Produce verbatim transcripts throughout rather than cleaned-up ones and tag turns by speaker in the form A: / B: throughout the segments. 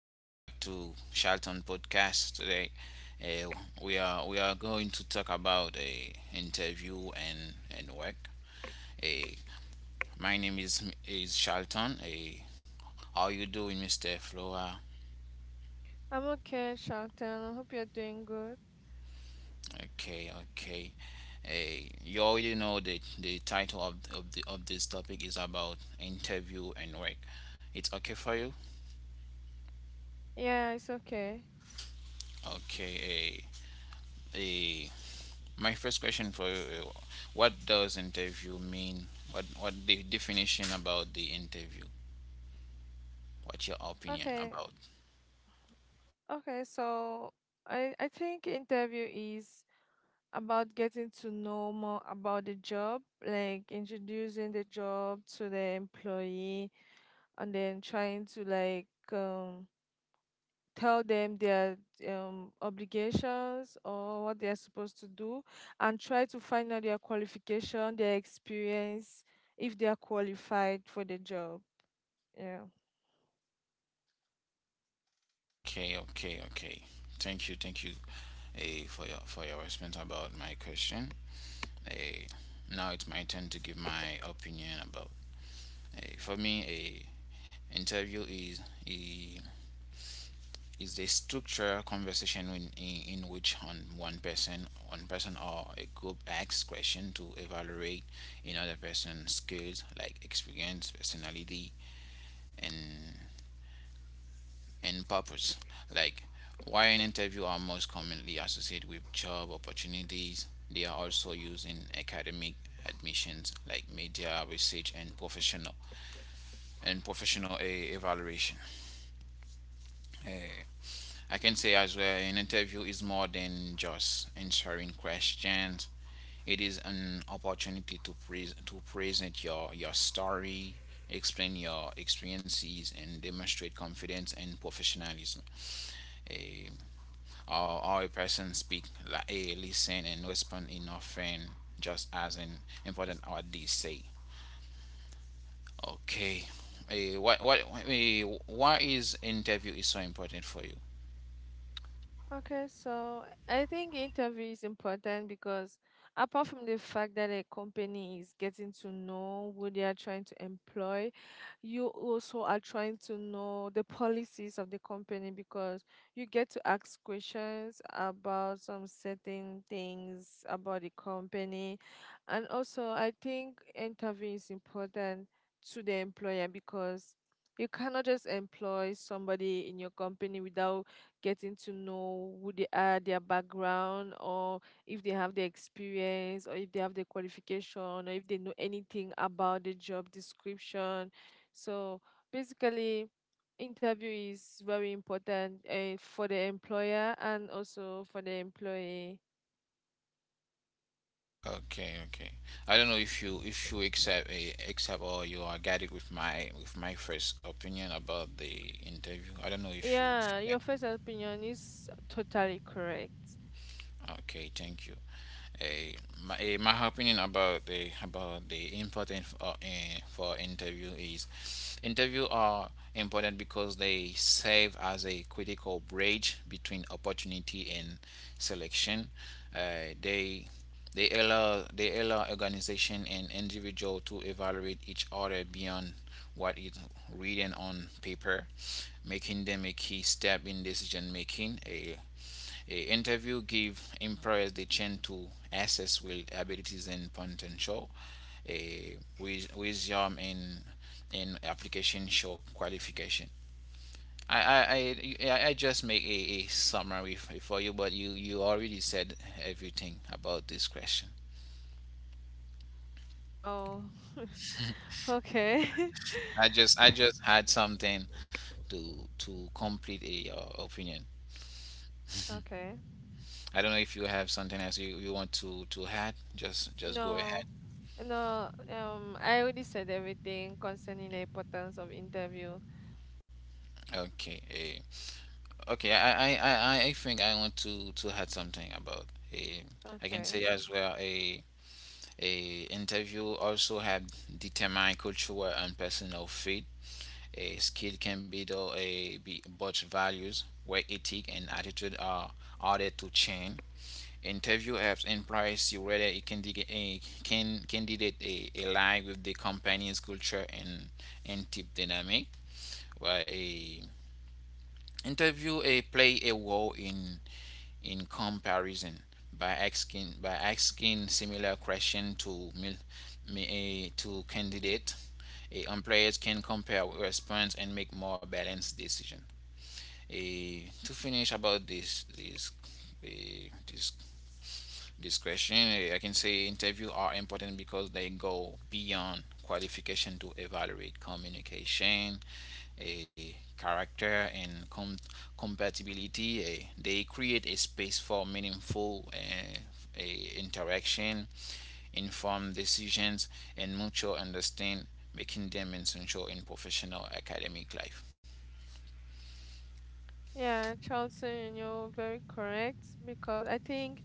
A: Welcome back to Charlton Podcast. Today, uh, we are we are going to talk about a interview and and work. Uh, my name is is Charlton. Uh, how you doing, Mister Flora?
B: I'm okay, Shelton. I hope you're doing good.
A: Okay, okay. Uh, you already know that the title of, of the of this topic is about interview and work. It's okay for you?
B: Yeah, it's okay.
A: Okay. Uh, uh, My first question for you: uh, what does interview mean? What what the definition about the interview? What's your opinion
B: Okay,
A: about?
B: okay. So I I think interview is about getting to know more about the job, like introducing the job to the employee, and then trying to like um tell them their um obligations or what they are supposed to do, and try to find out their qualification, their experience, if they are qualified for the job. Yeah.
A: Okay, okay, okay. Thank you, thank you, eh, for your for your response about my question. Eh, Now it's my turn to give my opinion about. Eh, for me, a interview is is the structure conversation in, in, in which on one person one person or a group asks question to evaluate another person's skills like experience personality and and purpose, like while an interview are most commonly associated with job opportunities, they are also used in academic admissions like media research and professional and professional eh, evaluation. Eh, I can say as well, an interview is more than just answering questions. It is an opportunity to pre- to present your your story, explain your experiences, and demonstrate confidence and professionalism. A, how, how a person speak, like, a listen, and respond in often just as an important what they say. Okay, a what what a why is interview is so important for you?
B: Okay, so I think interview is important because apart from the fact that a company is getting to know who they are trying to employ, you also are trying to know the policies of the company because you get to ask questions about some certain things about the company. And also, I think interview is important to the employer because you cannot just employ somebody in your company without getting to know who they are, their background, or if they have the experience, or if they have the qualification, or if they know anything about the job description. So basically, interview is very important uh, for the employer and also for the employee.
A: Okay, okay. I don't know if you if you accept eh, accept or you are guided with my with my first opinion about the interview. I don't know if you.
B: Yeah,
A: Yeah.
B: your first opinion is totally correct.
A: Okay, thank you. Eh, my, eh, my opinion about the about the important uh, eh, for interview is interview are important because they serve as a critical bridge between opportunity and selection. Uh, they they allow they allow organization and individual to evaluate each other beyond what is written on paper, making them a key step in decision making. A a interview give employers the chance to assess with abilities and potential. A with wisdom in in application show qualification. I I, I, yeah, I- just make a, a summary for you, but you you already said everything about this question.
B: Oh, okay.
A: I just I just had something to to complete a uh, opinion.
B: Okay.
A: I don't know if you have something else you, you want to to add. Just just go
B: No,
A: ahead.
B: no. Um, I already said everything concerning the importance of interview.
A: Okay. eh, Okay, I, I, I, I I think I want to to add something about a, I can say
B: Okay.
A: as well a a interview also had determined cultural and personal fit. A skill can be though a be but values, where ethic and attitude are are there to change. Interview helps employees see whether a candidate a can candidate a align with the company's culture and and team dynamic. Where a interview a play a role in in comparison by asking by asking similar question to mil- eh, to candidate. A employers can compare response and make more balanced decision. Eh, to finish about this this eh, this this question, eh, I can say interview are important because they go beyond qualification to evaluate communication a character and com- compatibility. Eh, they create a space for meaningful eh, eh, interaction, informed decisions, and mutual understanding, making them essential in professional academic life.
B: Yeah, Charlton, you're very correct because I think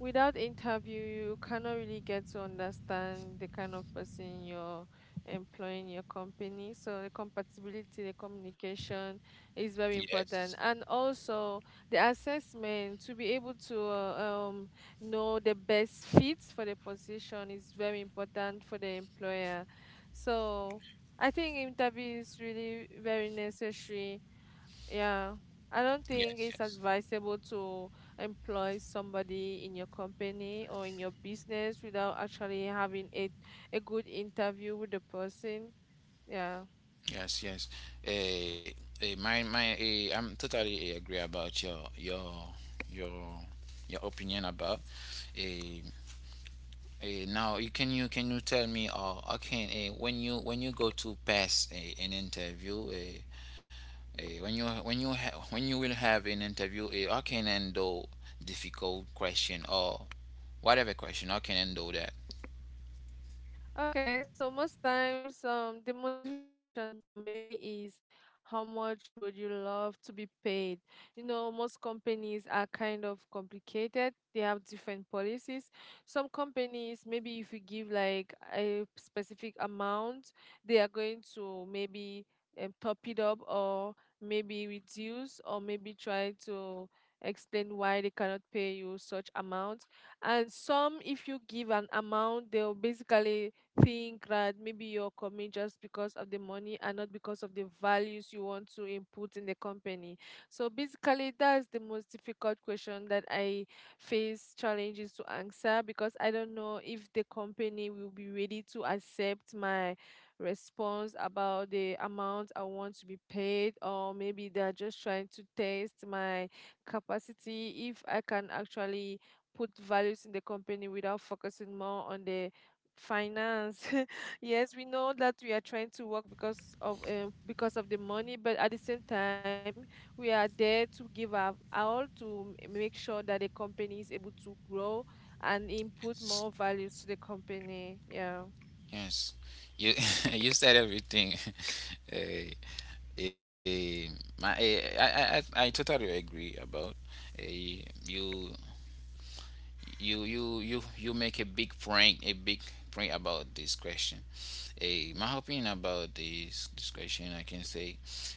B: without interview you cannot really get to understand the kind of person you're employing your company, so the compatibility, the communication is very
A: Yes,
B: important, and also the assessment to be able to uh, um, know the best fits for the position is very important for the employer. So I think interview is really very necessary. Yeah, I don't
A: yes,
B: think it's
A: yes.
B: advisable to employ somebody in your company or in your business without actually having a a good interview with the person. Yeah.
A: Yes, yes. Eh, eh, my, my, eh, I'm totally eh, agree about your, your, your, your opinion about. eh, Eh, now you can you can you tell me or uh, okay, eh, when you when you go to pass eh, an interview, eh, eh, when you when you ha- when you will have an interview, eh, how can handle difficult question or whatever question, how can handle that?
B: Okay, so most times, um, the most difficult question for me is, how much would you love to be paid? You know, most companies are kind of complicated. They have different policies. Some companies, maybe if you give like a specific amount, they are going to maybe um, top it up or maybe reduce or maybe try to explain why they cannot pay you such amount. And some, if you give an amount, they'll basically think that maybe you're coming just because of the money and not because of the values you want to input in the company. So basically, that's the most difficult question that I face challenges to answer because I don't know if the company will be ready to accept my response about the amount I want to be paid, or maybe they're just trying to test my capacity if I can actually put values in the company without focusing more on the finance. Yes, we know that we are trying to work because of um, because of the money, but at the same time we are there to give our all to m- make sure that the company is able to grow and input more values to the company. Yeah.
A: Yes, you you said everything. eh, eh, my, eh, I, I I I totally agree about eh, you you you you you make a big point, a big point about this question. A my opinion about this this question, I can say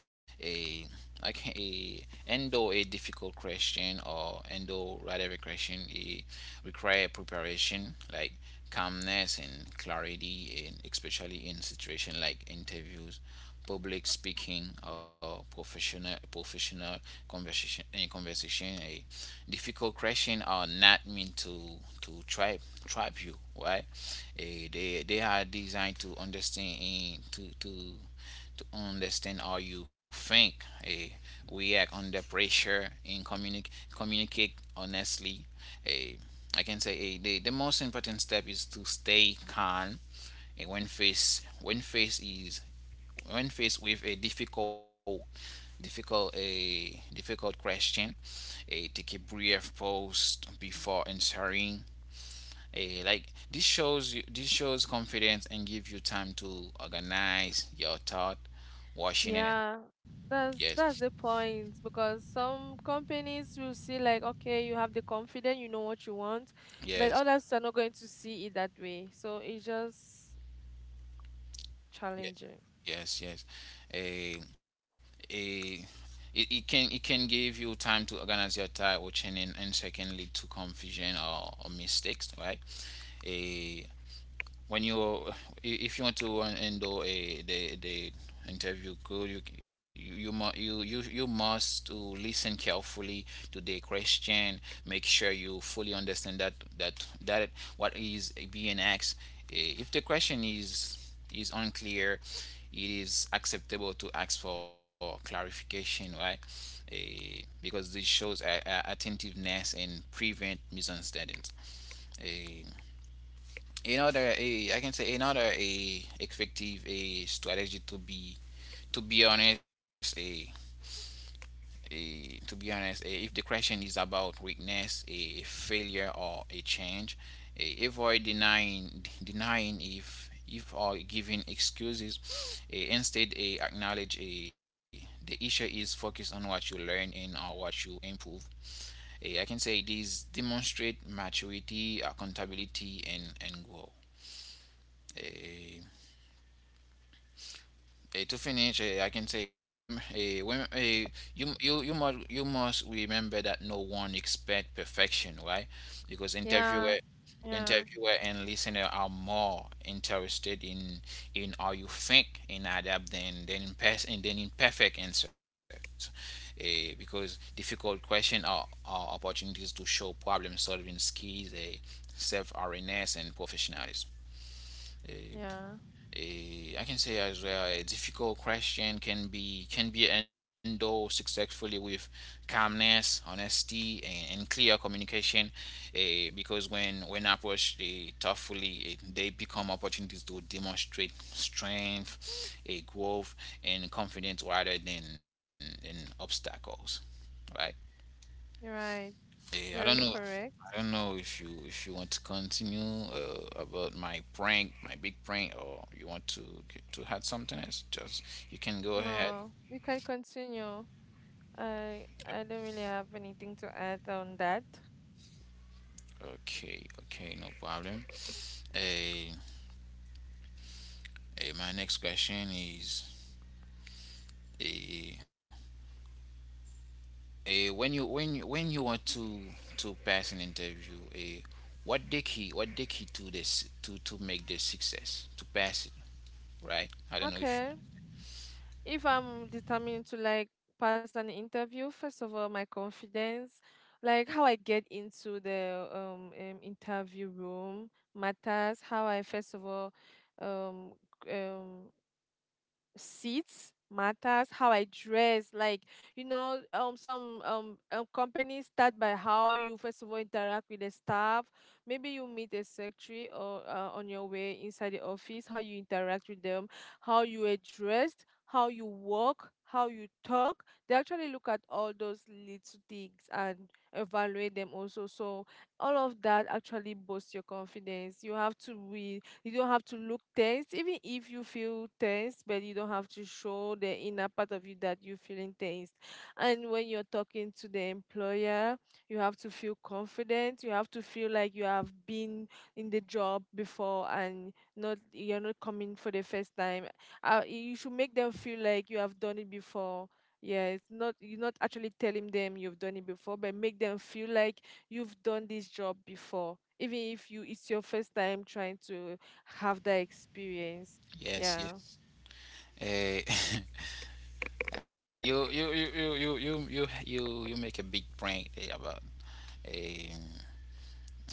A: a I can a endo a difficult question or endo whatever question, it require preparation like calmness and clarity, and especially in situation like interviews, public speaking, or professional professional conversation. A conversation, a difficult question are not meant to to trap trap you, right? Eh, they they are designed to understand and to to to understand how you think, eh, react under pressure, and communicate communicate honestly. Eh, I can say eh, the, the most important step is to stay calm. And when face when face is when faced with a difficult difficult a difficult question, a take a brief pause before answering. A like This shows you this shows confidence and give you time to organize your thought washing it.
B: Yeah, that's
A: Yes
B: that's the point because some companies will see like, okay, you have the confidence, you know what you want, but
A: yes
B: others are not going to see it that way, so it's just challenging.
A: yes yes yes a a It, it can it can give you time to organize your thought washing, and, and secondly to confusion or, or mistakes, right? a When you, if you want to en- endure a the the interview good, you you you, mu- you you you must to listen carefully to the question. Make sure you fully understand that that that what is being asked. Eh, if the question is is unclear, it is acceptable to ask for clarification, right? Eh, because this shows a, a attentiveness and prevent misunderstandings. Eh, Another a I can say another a effective a strategy to be to be honest a a to be honest, a, if the question is about weakness, a failure, or a change, a, avoid denying denying if if or giving excuses. A, instead, a acknowledge a the issue is focused on what you learn and or what you improve. Eh, I can say these demonstrate maturity, accountability, and, and grow. Eh, Eh, to finish, eh, I can say we, eh, we, eh, you, you, you, must, you must remember that no one expect perfection, right? Because interviewer,
B: Yeah. Yeah.
A: interviewer and listener are more interested in in how you think and adapt, than than in past and than in perfect answers. Eh, because difficult questions are, are opportunities to show problem solving skills, eh, self awareness, and professionalism. Eh,
B: Yeah,
A: a, I can say as well a difficult question can be can be handled successfully with calmness, honesty, and, and clear communication. Eh, because when when approached eh, thoughtfully, eh, they become opportunities to demonstrate strength, a growth, and confidence rather than, than obstacles. Right.
B: you're right.
A: Eh, I don't
B: Very
A: know.
B: correct.
A: I don't know if you if you want to continue uh, about my prank, my big prank, or you want to get, to add something else. Just you can go ahead.
B: No, we can continue. I I don't really have anything to add on that.
A: Okay, okay, no problem. Eh, eh, my next question is eh, eh, when you when you- when you want to to pass an interview, eh, what the key, what the key to this to to make the success to pass it, right? I don't know if you,
B: Okay. If I'm determined to like pass an interview, first of all, my confidence, like how I get into the um, um interview room matters. How I first of all um um seats matters, how I dress, like, you know um some um, um companies start by how you first of all interact with the staff, maybe you meet a secretary, or uh, on your way inside the office, how you interact with them, how you are dressed, how you walk, how you talk. They actually look at all those little things and evaluate them also. So all of that actually boosts your confidence. You have to be, you don't have to look tense, even if you feel tense, but you don't have to show the inner part of you that you're feeling tense. And when you're talking to the employer, you have to feel confident. You have to feel like you have been in the job before and not you're not coming for the first time. Uh, you should make them feel like you have done it before. Yeah, it's not you're not actually telling them you've done it before, but make them feel like you've done this job before. Even if you it's your first time trying to have that experience.
A: yes,
B: Yeah.
A: yes. Eh, Uh, you, you, you, you, you, you, you, you, You make a big point eh, about. Um,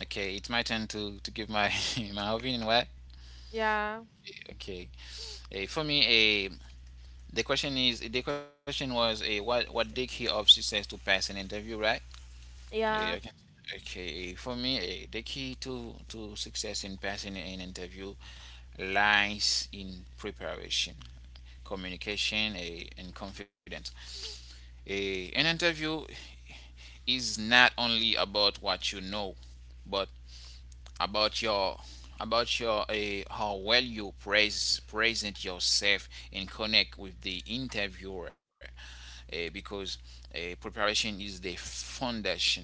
A: okay, it's my turn to to give my my opinion. Why?
B: Yeah.
A: Okay. Uh, for me, a the question is the question was a what what the key of success to pass an interview, right? Eh, I
B: Yeah.
A: Okay, eh, for me, eh, the key to to success in passing an interview lies in preparation, communication, eh, and confidence. Eh, an interview is not only about what you know, but about your about your uh, how well you praise present yourself and connect with the interviewer. Uh, because uh, Preparation is the foundation.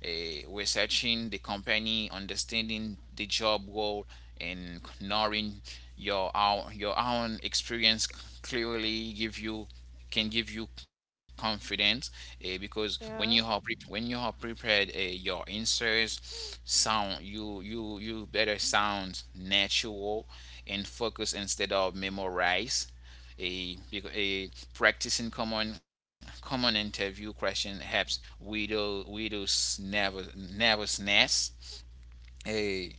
A: uh, Researching the company, understanding the job role, and knowing your own, your own experience clearly give you can give you confidence, uh, because when you
B: Yeah,
A: are pre- when you are prepared, uh, your answers sound, you you you better sound natural and focus instead of memorize. A a practicing common common interview question helps widow widows nervous nervousness. A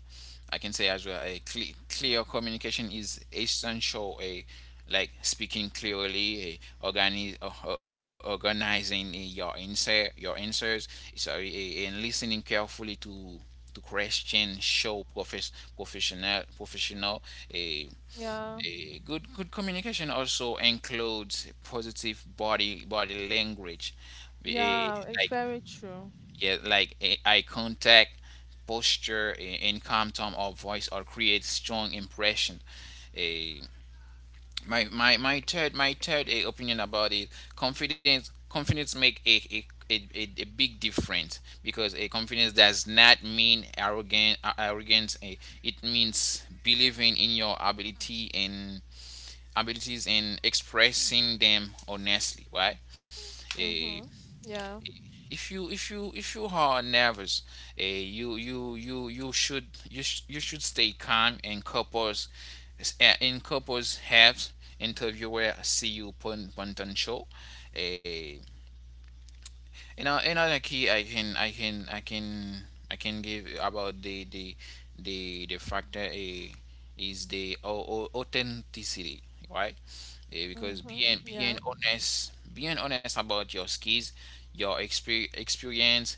A: I can say as well a cle- clear communication is essential. A Like speaking clearly, a organi- o- organizing eh, your answer your answers. Sorry, eh, and listening carefully to to question show profes- professional professional. A
B: yeah,
A: a Good good communication also includes positive body body language, eh,
B: yeah, it's
A: like
B: very true.
A: yeah like eh, eye contact, posture, eh, and calm tone or voice or create strong impression. Eh, my, my my third my third eh, opinion about it, confidence confidence make a a, a, a a big difference, because a confidence does not mean arrogant, uh, arrogance. Eh, it means believing in your ability and abilities and expressing them honestly, right? Eh,
B: Mm-hmm. Yeah.
A: if you if you if you are nervous, uh, you you you you should you, sh- you should stay calm and couples, eh, in couples have interviewer see you pon- potential. Uh, you know, another key I can I can I can I can give about the the the the factor a is the au- au- authenticity, right? Eh, because
B: Mm-hmm.
A: being being
B: Yeah.
A: honest, being honest about your skills, your exper- experience,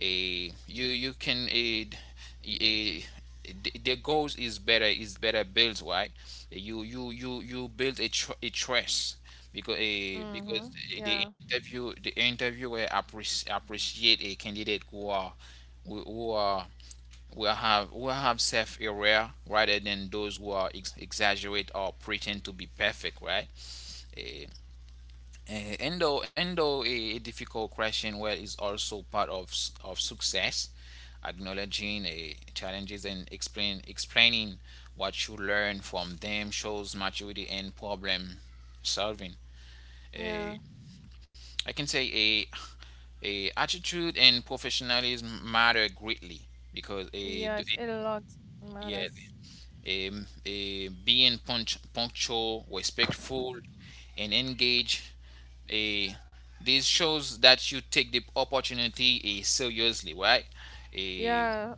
A: a you you can aid eh, the the goals is better is better built, right? you you you you build a, tr- a trust because a
B: Mm-hmm.
A: because the
B: Yeah.
A: interview the interviewer appreci- appreciate a candidate who are who who are who have who have self aware, rather than those who are ex- exaggerate or pretend to be perfect, right? Eh, uh, and though, and though a, a difficult question, well, is also part of s- of success. Acknowledging uh, challenges and explain explaining what you learn from them shows maturity and problem solving.
B: Yeah.
A: Uh, I can say a a attitude and professionalism matter greatly because a
B: Yes, a lot
A: yeah.
B: matters.
A: Um, uh, being punch, punctual, respectful, and engaged. Uh, this shows that you take the opportunity uh, seriously, right? Uh,
B: Yeah,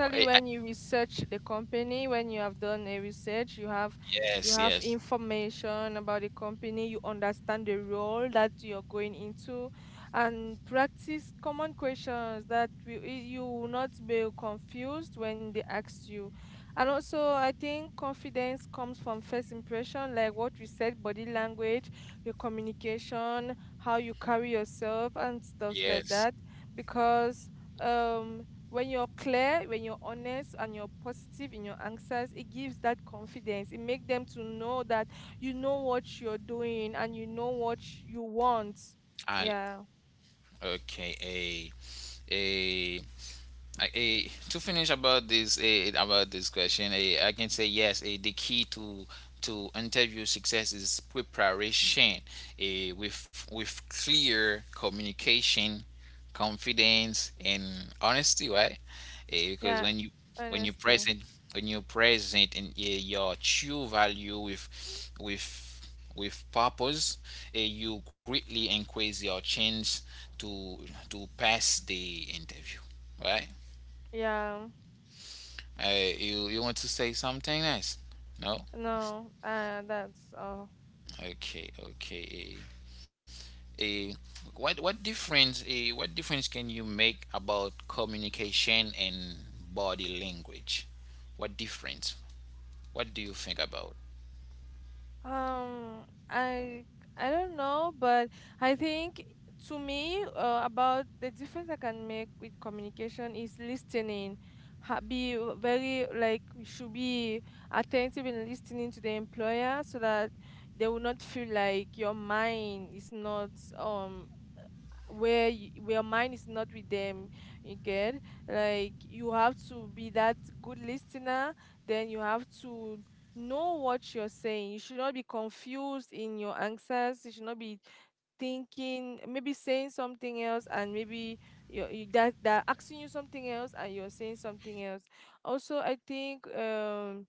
A: uh,
B: when you research the company, when you have done a research, you have you
A: yes,
B: have
A: yes,
B: information about the company, you understand the role that you're going into and practice common questions, that will, you will not be confused when they ask you. And also I think confidence comes from first impression, like what we said, body language, your communication, how you carry yourself and stuff like
A: yes.
B: that. Because um when you're clear, when you're honest and you're positive in your answers, it gives that confidence. It makes them to know that you know what you're doing and you know what you want.
A: I
B: Yeah.
A: okay. A I, eh, to finish about this eh, about this question, eh, I can say yes. Eh, the key to to interview success is preparation, eh, with with clear communication, confidence, and honesty, right? Eh, because
B: Yeah.
A: when you when you
B: Honesty.
A: present when you present in eh, your true value with with with purpose, eh, you greatly increase your chance to to pass the interview, right?
B: Yeah.
A: Uh, you you want to say something else? No.
B: No. Uh that's all.
A: Okay. Okay. Uh, what what difference? Uh, what difference can you make about communication and body language? What difference? What do you think about?
B: Um, I I don't know, but I think to me, uh, about the difference I can make with communication is listening. Ha be very like we should be attentive in listening to the employer so that they will not feel like your mind is not um where y where mind is not with them, you get. Like, you have to be that good listener, then you have to know what you're saying. You should not be confused in your answers, you should not be thinking maybe saying something else and maybe you, you that they're asking you something else and you're saying something else. Also I think um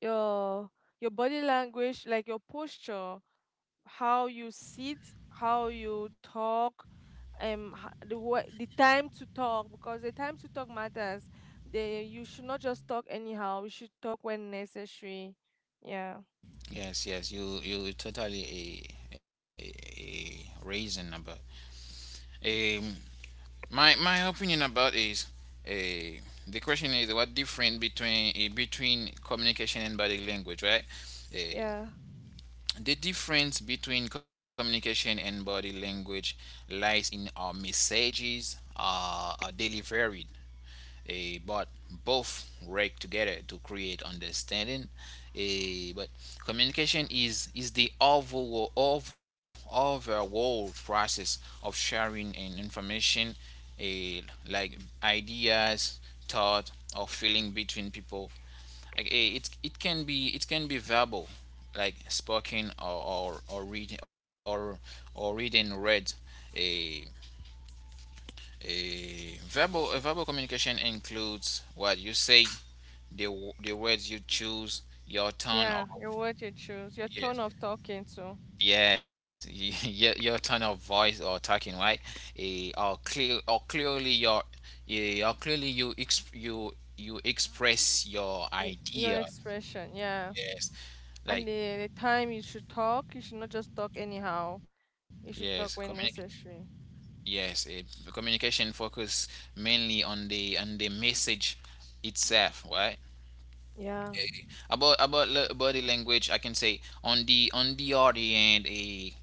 B: your your body language, like your posture, how you sit, how you talk, um, h- the wa- the time to talk, because the time to talk matters. The you should not just talk anyhow, you should talk when necessary. Yeah,
A: Yes. Yes. You you totally a a, a reason about. Um. My my opinion about is. Uh, the question is what difference between eh, between communication and body language, right? Uh,
B: yeah,
A: The difference between communication and body language lies in our messages uh, are delivered, eh, but both work together to create understanding. Eh, but communication is is the overall of overall process of sharing and information, eh, like ideas, thought, or feeling between people. like eh, it it can be it can be verbal, like spoken or or, or reading, or or reading read. A a verbal a verbal communication includes what you say, the w- the words you choose, your tone of
B: yeah. Your word you choose, your tone
A: yes
B: of talking too,
A: yes your, your tone of voice or talking, right? a or clear or clearly your eh, or clearly you exp, you you express your
B: y- your
A: idea,
B: expression. Yeah,
A: yes,
B: and
A: like
B: the, the time you should talk. You should not just talk anyhow. You
A: yes
B: should talk when
A: communication.
B: necessary.
A: Yes, eh, communication focus mainly on the on the message itself, right?
B: Yeah,
A: Eh, about about la- body language, I can say on the on the other end, a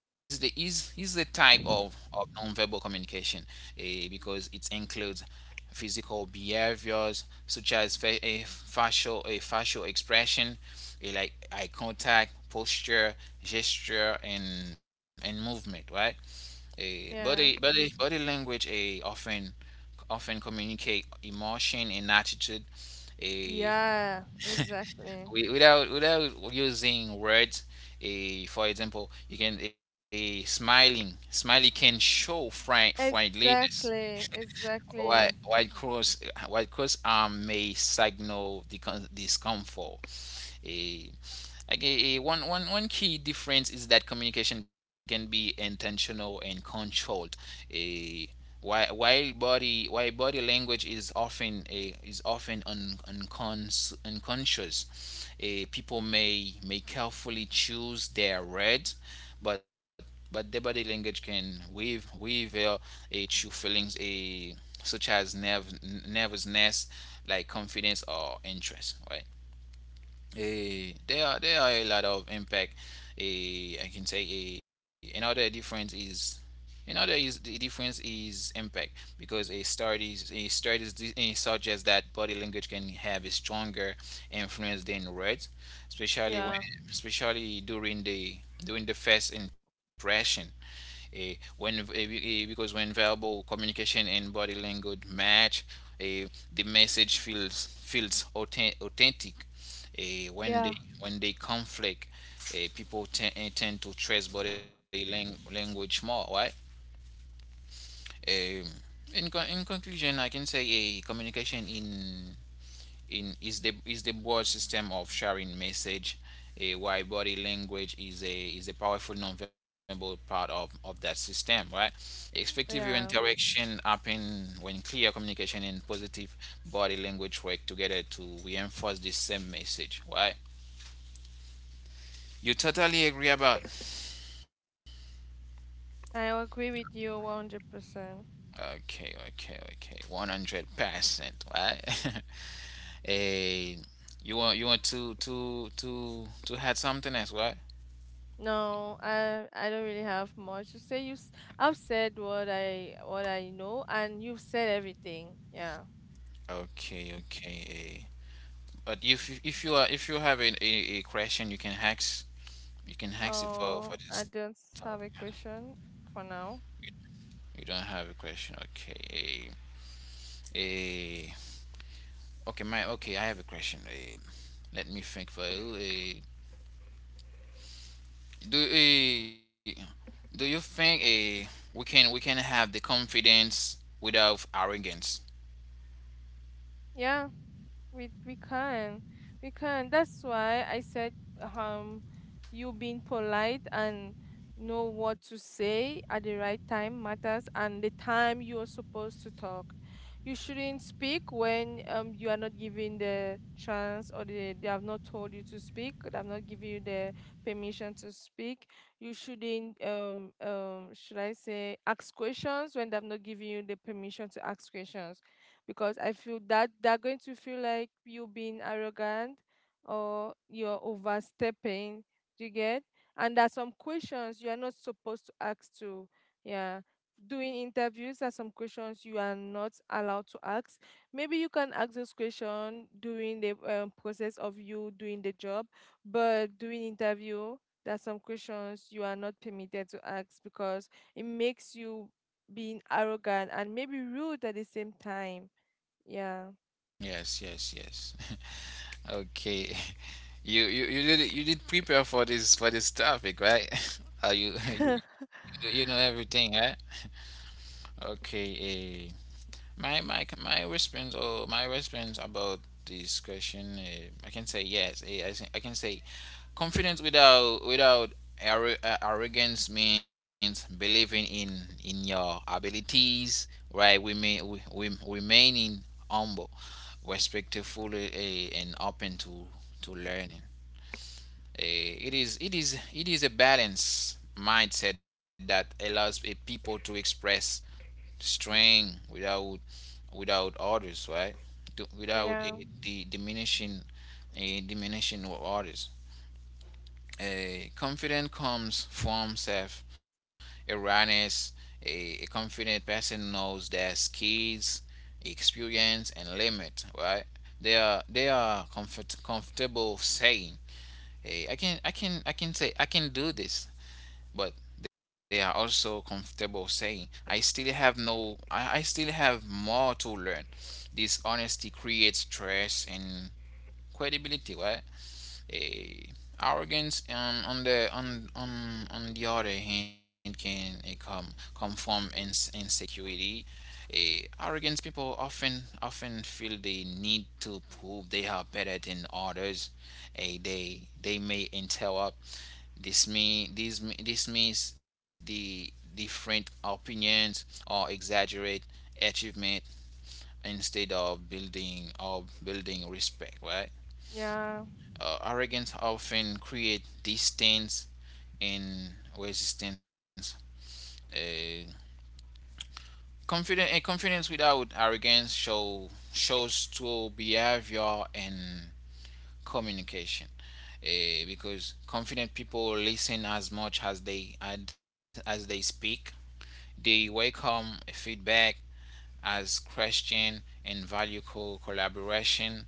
A: is the is is the type of of nonverbal communication, eh, because it includes physical behaviors such as fa- a facial a facial expression, eh, like eye contact, posture, gesture, and and movement, right? A body
B: yeah.
A: body body language a often often communicate emotion and attitude a
B: Yeah, exactly.
A: without without using words. A For example, you can a smiling smiley can show friend friendliness.
B: Exactly, exactly.
A: White, white cross, white cross arm may signal the discomfort. A, like a, a one, one, one key difference is that communication can be intentional and controlled. A While, while body while body language is often a is often un, uncons, unconscious. A, people may may carefully choose their words, but but the body language can weave weave uh, a true feelings, a such as nerve, nervousness, like confidence or interest, right? Eh, there are there are a lot of impact. Eh, I can say, eh, another difference is another is the difference is impact, because a studies a studies, eh, suggests that body language can have a stronger influence than words, especially
B: Yeah,
A: when especially during the during the first impression. Eh, when eh, because when verbal communication and body language match, eh, the message feels feels authen- authentic. Eh, when
B: Yeah.
A: they when they conflict, eh, people ten- eh, tend to trust body lang- language more, right? Um, in, con- in conclusion, I can say a communication in in is the is the broad system of sharing message, a uh, why body language is a is a powerful nonverbal part of of that system, right? Effective
B: Yeah.
A: interaction happen when clear communication and positive body language work together to reinforce the same message, right? You totally agree about.
B: I agree with you one hundred percent.
A: Okay, okay, okay, 100 percent, right. Eh, you want you want to to to to add something else, right?
B: No, I I don't really have much to say. You s- I've said what I what I know and you've said everything. Yeah.
A: Okay, okay, eh. But if if you are if you have a, a, a question, you can hex you can hex it for
B: Oh,
A: for this
B: I don't
A: topic.
B: have a question for
A: You
B: now.
A: you don't have a question, okay? A, a okay, my okay. I have a question. A, let me think for you. A, do a, do you think a we can we can have the confidence without arrogance?
B: Yeah. we we can we can That's why I said, um you being polite and know what to say at the right time matters, and the time you are supposed to talk, you shouldn't speak when um you are not given the chance, or they, they have not told you to speak, they have not given you the permission to speak. You shouldn't um um should I say ask questions when they have not given you the permission to ask questions, because I feel that they're going to feel like you being arrogant or you're overstepping. Do you get? And there are some questions you are not supposed to ask to. Yeah. Doing interviews, there are some questions you are not allowed to ask. Maybe you can ask those questions during the um, process of you doing the job, but during interview, there are some questions you are not permitted to ask because it makes you being arrogant and maybe rude at the same time. Yeah.
A: Yes, yes, yes. Okay. You you you did you did prepare for this for this topic, right? Are you, you you know everything, right? Okay, uh, my my my response or my response about this question, uh, I can say yes. eh, I, say- I can say confidence without without arro- uh, arrogance means believing in in your abilities, right? We may we, we remaining humble, respectful, uh, and open to to learning. Eh, it is it is it is a balance mindset that allows eh, people to express strength without without others, right? Do- Without
B: Yeah.
A: the, the diminishing, a diminishing of others. A Confidence comes from self awareness. A, a confident person knows their skills, experience, and limit, right? They are they are comfort, comfortable saying, "Hey, I can I can I can say I can do this," but they are also comfortable saying, "I still have no, I, I still have more to learn." This honesty creates trust and credibility, right? Eh, Arrogance, um, on the on, on on the other hand, can eh, come come from ins- insecurity. Eh, arrogance people often often feel they need to prove they are better than others. Eh, they they may interrupt this mean this this means the different opinions or exaggerate achievement instead of building or building respect, right?
B: Yeah.
A: Uh, arrogance often create distance and resistance. Uh, confidence and confidence without arrogance show shows to behavior and communication, uh, because confident people listen as much as they and as they speak. They welcome feedback as question and value co- collaboration.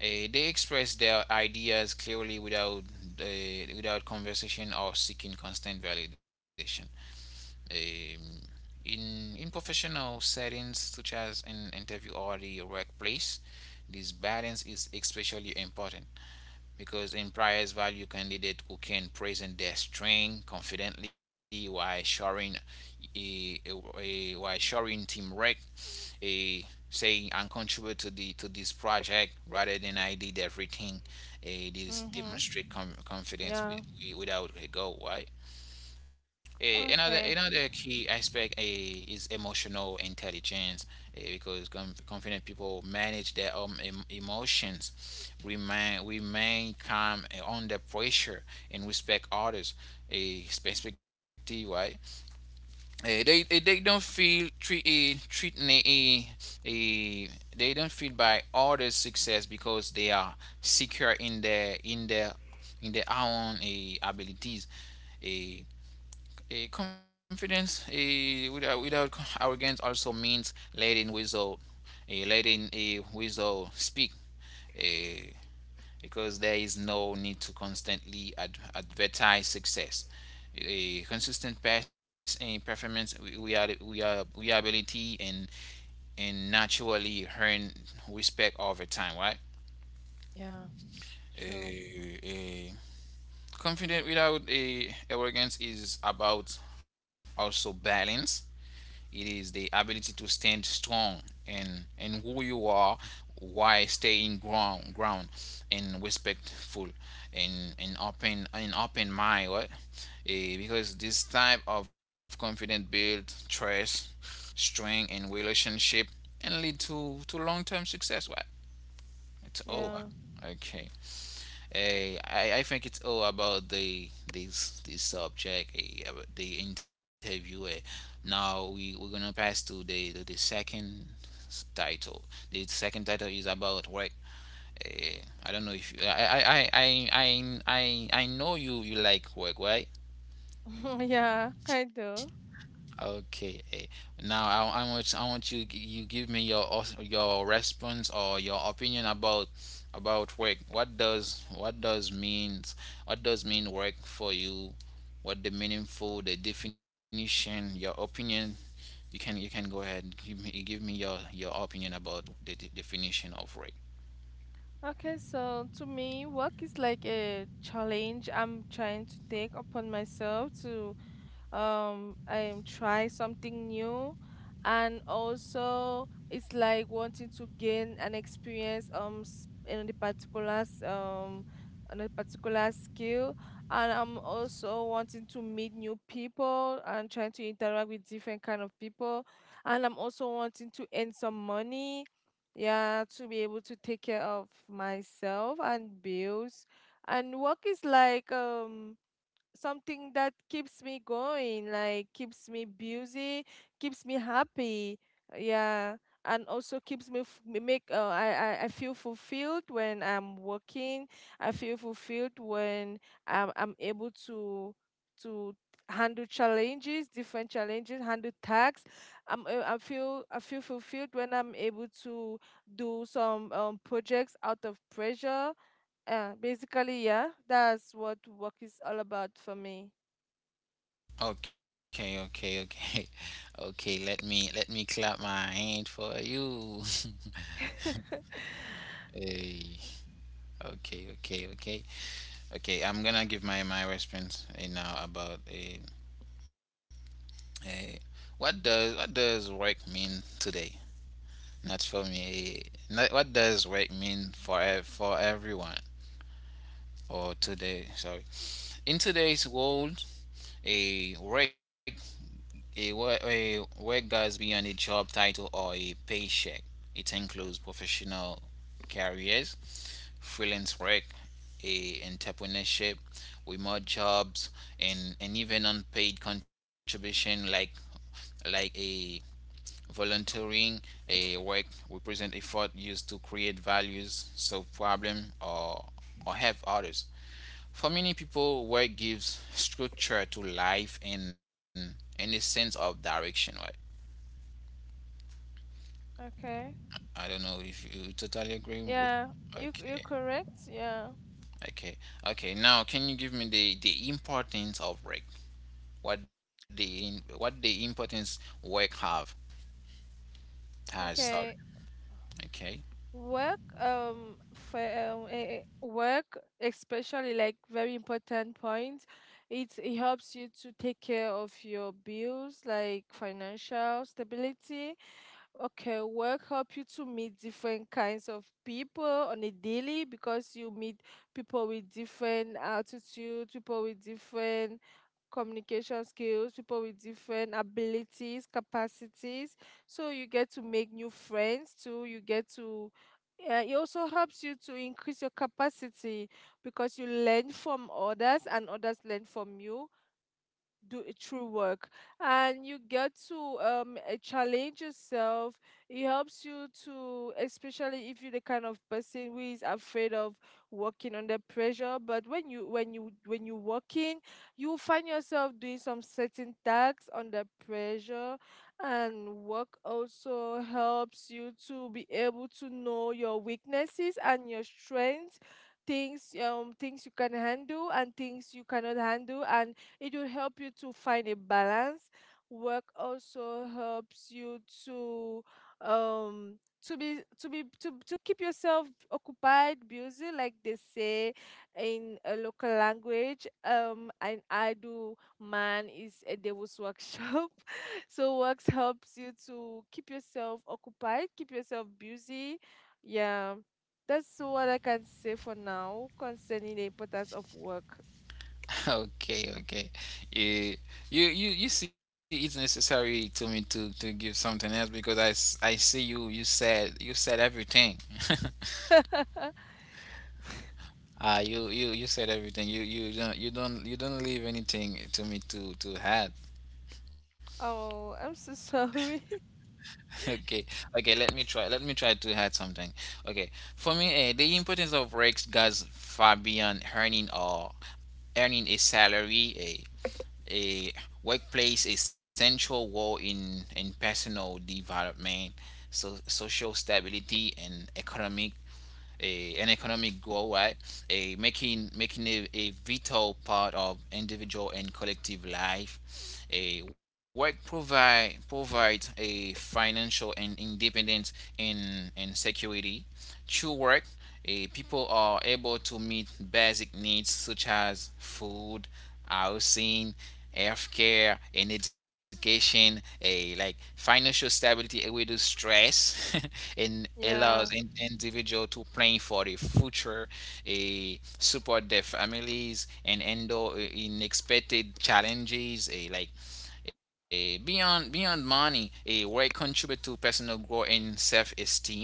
A: Eh, they express their ideas clearly without eh, without conversation or seeking constant validation. Um, in in professional settings such as in interview or the workplace, this balance is especially important, because employers value candidates who can present their strength confidently while showing a, a, a while showing teamwork, a saying, "I'm contribute to the to this project," rather than, "I did everything." Uh, this
B: Mm-hmm.
A: demonstrate com-
B: Yeah.
A: confidence with, without a goal, right? Eh, another
B: Okay.
A: another key aspect eh, is emotional intelligence, eh, because conf- confident people manage their own em- emotions, remain remain calm eh, under pressure, and respect others' eh, perspective, right? Eh, they eh, they don't feel treat eh, treat eh, eh, they don't feel by others' success because they are secure in their in their in their own eh, abilities. Eh, a Confidence a without without arrogance also means letting without a letting a without speak, a because there is no need to constantly ad- advertise success. A consistent pass in performance, we we are we are we are ability and and naturally earn respect over time, right?
B: Yeah. Sure.
A: Eh, eh, Confident without a arrogance is about also balance. It is the ability to stand strong and and who you are while staying ground ground and respectful and and open and open mind, right? Eh, because this type of confidence builds trust, strength, and relationship, and lead to to long term success, right? It's all
B: Yeah.
A: okay. Eh, I, I think it's all about the this this subject, eh, about the interviewer. Now we we're gonna pass to the the, the second s- title. The second title is about work. Eh, I don't know if you, I I I I I I I know you you like work, right?
B: Yeah, I do.
A: Okay. eh, Now I, I want I want you g- you give me your os- your response or your opinion about about work. What does what does means, what does mean work for you? What the meaningful, the definition, your opinion. You can you can go ahead and give me give me your your opinion about the de- definition of work.
B: Okay, so to me, work is like a challenge I'm trying to take upon myself to um I'm try something new. And also it's like wanting to gain an experience um s- in the particulars um on a particular skill, and I'm also wanting to meet new people and trying to interact with different kind of people, and I'm also wanting to earn some money, yeah, to be able to take care of myself and bills. And work is like um something that keeps me going, like keeps me busy, keeps me happy. Yeah, and also keeps me f- me make uh, I, I I feel fulfilled when I'm working. I feel fulfilled when I'm I'm able to to handle challenges, different challenges, handle tasks. I'm uh, I feel I feel fulfilled when I'm able to do some um, projects out of pressure. Uh, basically, yeah, that's what work is all about for me.
A: Okay, okay, okay. Okay, let me let me clap my hand for you. Hey, okay, okay, okay. Okay, I'm gonna give my my response, eh, now, about a, a what does what does work mean today? Not for me. eh, Not, what does work mean for ev- for everyone or today? Sorry, in today's world, a work. A, wo- a work goes beyond a job title or a paycheck. It includes professional careers, freelance work, a entrepreneurship, remote jobs, and, and even unpaid contribution like like a volunteering. A Work represent effort used to create values, solve problem, or or help others. For many people, work gives structure to life and and a sense of direction, right?
B: Okay.
A: I don't know if you totally agree with.
B: Yeah, you you're
A: Okay,
B: correct. Yeah.
A: okay, okay. Now, can you give me the the importance of work? What the in- what the importance work have has? Sorry.
B: Okay.
A: Okay,
B: Work, um, for, um, eh, eh, work, especially like very important point, it, it helps you to take care of your bills, like financial stability. Okay, work help you to meet different kinds of people on a daily because you meet people with different attitudes, people with different communication skills, people with different abilities, capacities, so you get to make new friends too. You get to uh, it also helps you to increase your capacity because you learn from others and others learn from you, do it through work. And you get to um eh, challenge yourself. It helps you to, especially if you're the kind of person who is afraid of working under pressure, but when you when you when you work in, you find yourself doing some certain tasks under pressure. And work also helps you to be able to know your weaknesses and your strengths, things um things you can handle and things you cannot handle, and it will help you to find a balance. Work also helps you to um to be to be to, to keep yourself occupied, busy, like they say in a local language, um and I do, man is a devil's workshop. So works helps you to keep yourself occupied, keep yourself busy. Yeah, that's what I can say for now concerning the importance of work.
A: okay, okay. You, you you you see, it's necessary to me to to give something else because I s- I see you you said you said everything. Ah, you you you said everything. You you don't you don't you don't leave anything to me to to add.
B: Oh, I'm so sorry.
A: Okay, okay, let me try. Let me try to add something. Okay, for me, uh, the importance of work goes far beyond earning or earning a salary. A, a workplace a central role in in personal development, so social stability and economic a, an economic goal, right? A making making a, a vital part of individual and collective life. A work provide provides a financial and independence and and security. Through work, eh, people are able to meet basic needs such as food, housing, healthcare, and education. A like financial stability eh, reduce stress and allows an
B: yeah,
A: individual to plan for the future, a support their families, and handle eh, unexpected challenges. A like eh, beyond beyond money, a work contribute to personal growth and self-esteem.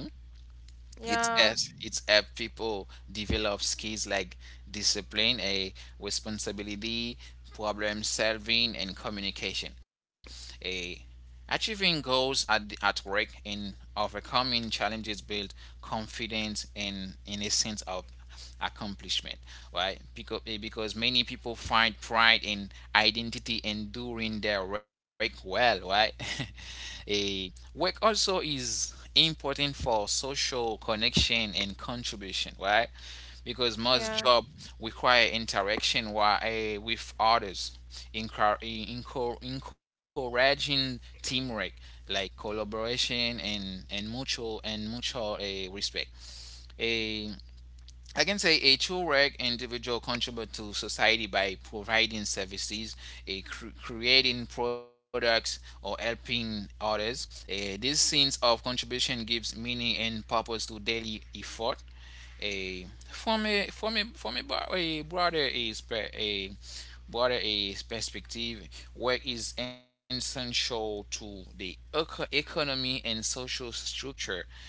A: It's
B: yeah,
A: as it's help people develop skills like discipline, a responsibility, problem solving, and communication. A achieving goals at the- at work and overcoming challenges build confidence and in a sense of accomplishment, right? Because because many people find pride in identity and doing their work well, right? Eh, work also is important for social connection and contribution, right? Because most
B: yeah,
A: job require interaction while, uh, with others, encour- encour- encouraging teamwork, like collaboration and, and mutual and mutual uh, respect. Eh, I can say a true work individual contribute to society by providing services, a cr- creating products, or helping others. Eh, this sense of contribution gives meaning and purpose to daily effort. A from a from a from a, bro- a broader is a broader is perspective, work is essential to the eco- economy and social structure.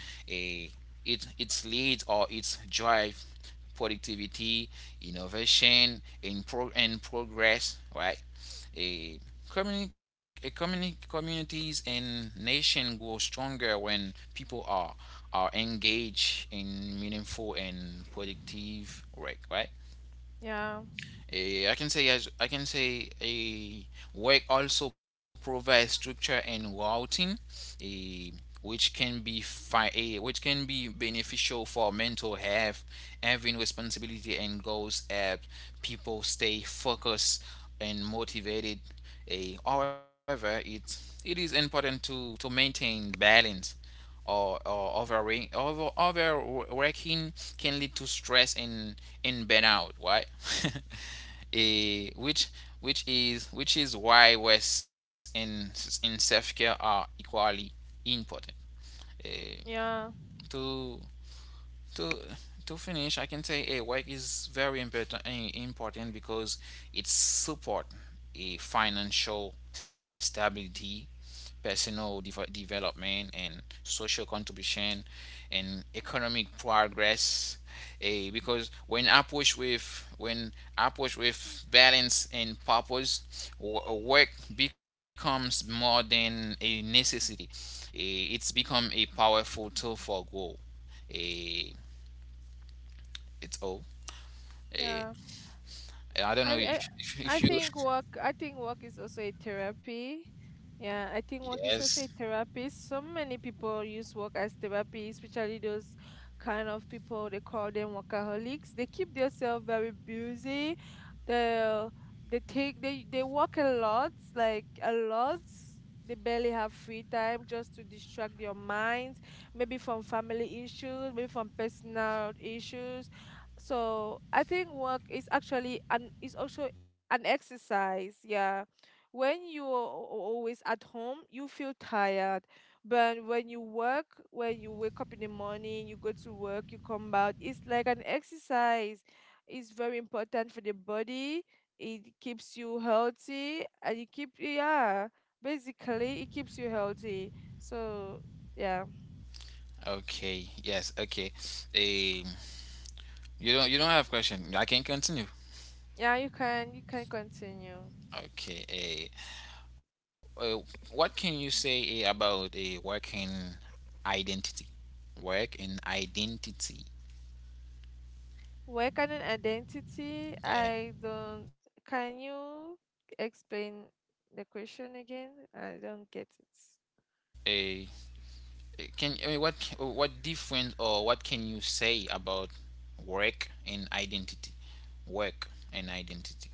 A: A it its leads or its drive productivity, innovation, and, pro- and progress, right? A, communi- a communi- communities and nation grow stronger when people are are engaged in meaningful and productive work, right?
B: yeah,
A: Eh, I can say as I can say a work also provides structure and routine, eh, which can be fi- eh, which can be beneficial for mental health. Having responsibility and goals help people stay focused and motivated. Eh, however, it it is important to to maintain balance, or, or overworking, over, overworking can lead to stress and, and burnout, right? Eh, which which is which is why rest and, and self-care are equally important. Eh,
B: yeah,
A: to to to finish, I can say a work is very important important because it support a financial stability, personal dev- development, and social contribution, and economic progress. A because when approached with when approached with balance and purpose, wo- work becomes more than a necessity. Eh, it's become a powerful tool for growth. Eh, it's all. Eh,
B: yeah.
A: I don't
B: I,
A: know
B: I
A: if if
B: I
A: if you.
B: think work, I think work is also a therapy. Yeah, I think work
A: Yes.
B: is also a therapy. So many people use work as therapy, especially those kind of people, they call them workaholics. They keep themselves very busy. They they take they they work a lot, like a lot. They barely have free time, just to distract your minds, maybe from family issues, maybe from personal issues. So I think work is actually an is also an exercise. Yeah, when you're al- always at home, you feel tired, but when you work, when you wake up in the morning, you go to work, you come out, it's like an exercise. It's very important for the body. It keeps you healthy, and you keep, yeah. Basically, it keeps you healthy. So yeah,
A: Okay. Yes. Okay. Um, you don't you don't have question. I can continue.
B: yeah, you can, you can continue.
A: Okay. Eh. uh, what can you say eh, about the working identity? Work and identity.
B: Work and an identity.
A: Yeah.
B: I don't. Can you explain the question again? I don't get it.
A: Eh, eh, can I mean, what ca- what difference or what can you say about work and identity? Work and identity.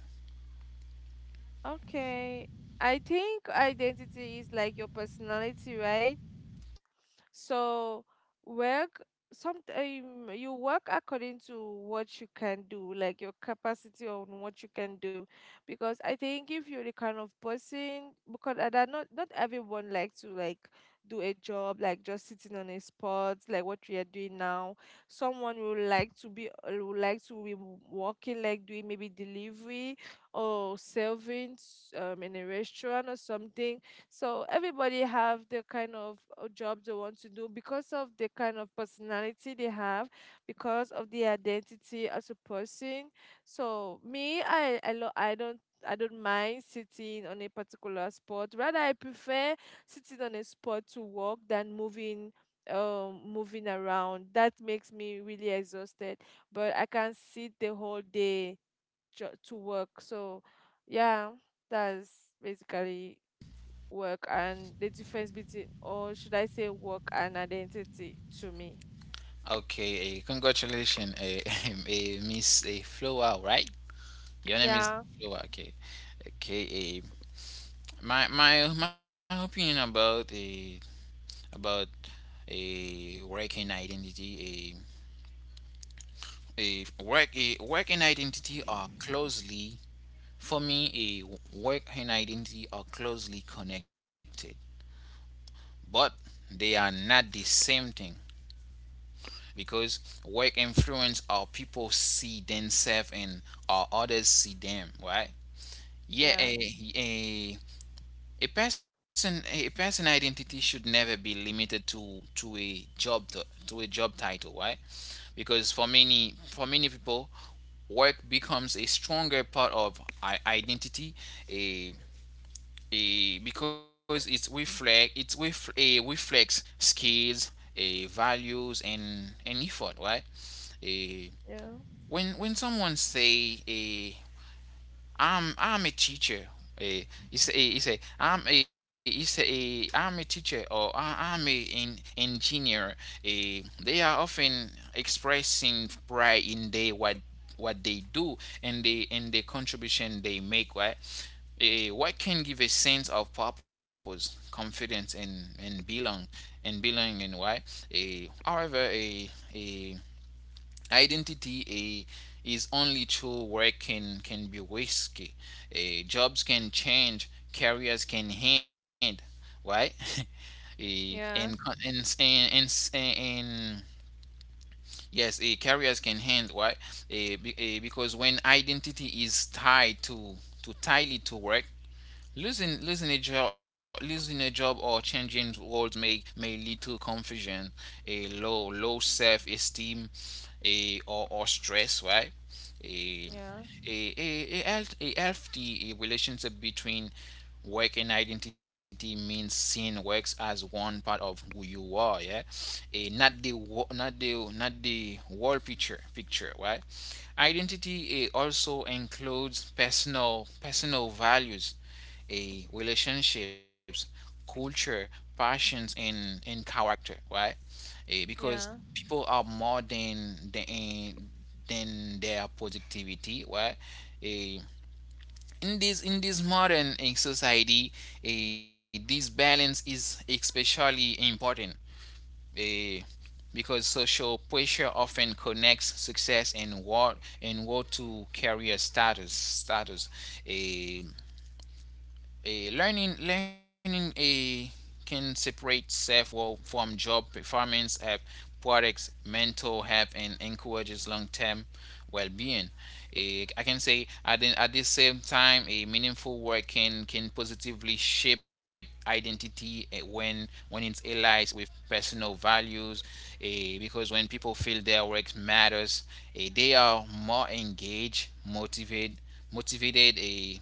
B: Okay. I think identity is like your personality, right? So work, sometime you work according to what you can do, like your capacity on what you can do. Because I think if you're the kind of person, because uh, that, not not everyone likes to, like, do a job like just sitting on a spot like what we are doing now. Someone will like to be uh, would like to be working, like doing maybe delivery or serving s- um in a restaurant or something. So everybody have the kind of uh, job they want to do because of the kind of personality they have, because of the identity as a person. So me, I I, lo- I don't, I don't mind sitting on a particular spot. Rather, I prefer sitting on a spot to work than moving um moving around. That makes me really exhausted. But I can sit the whole day jo- to work. So yeah, that's basically work and the difference between, or should I say work and identity to me.
A: Okay, eh, congratulations, eh, eh, Miss eh, Flower, right? Your name is
B: Yeah,
A: Flower. Okay, okay. eh, my my my opinion about a about a working identity, a a work a working identity are closely, for me, a work and identity are closely connected, but they are not the same thing because work influence how people see themselves and how others see them, right? Yeah,
B: yeah,
A: a, a a person a person identity should never be limited to to a job t- to a job title, right? Because for many for many people, work becomes a stronger part of i- identity. A a Because it's reflect it's ref, a reflects skills, a values and and effort, right? A
B: yeah,
A: when when someone say a I'm I'm a teacher. Eh, you say eh, you say I'm a you say eh, I'm a teacher or I, I'm a in, engineer. Eh, they are often expressing pride in they what what they do and the and the contribution they make, right? Eh, what can give a sense of purpose, confidence, and and belong, and belonging. Why? Eh, however, a identity uh, is only true where can can be risky. Uh, jobs can change, careers can end, right? Eh, and,
B: yeah,
A: and and and and yes, a careers can end, right? Uh, be, uh, because when identity is tied to to tightly to work, Losing losing a job losing a job or changing roles may may lead to confusion, a low low self esteem, a or, or stress, right? A
B: yeah,
A: a, a, a, health, a healthy a relationship between work and identity means seeing works as one part of who you are, yeah, a not the wo- not the not the whole picture picture, right? Identity eh, also includes personal personal values, a relationships, culture, passions, and and character, right? Eh, because
B: yeah,
A: people are more than than than their productivity, right? Eh, in this in this modern eh, society, eh, this balance is especially important. eh, because social pressure often connects success and work and work to career status status. eh, Eh, learning learning eh, can separate self-worth from job performance at products mental health and encourages long-term well-being. Eh, I can say at the, at the same time a meaningful work can can positively shape identity eh, when when it's allied with personal values, eh, because when people feel their work matters, eh, they are more engaged, motivated, motivated eh,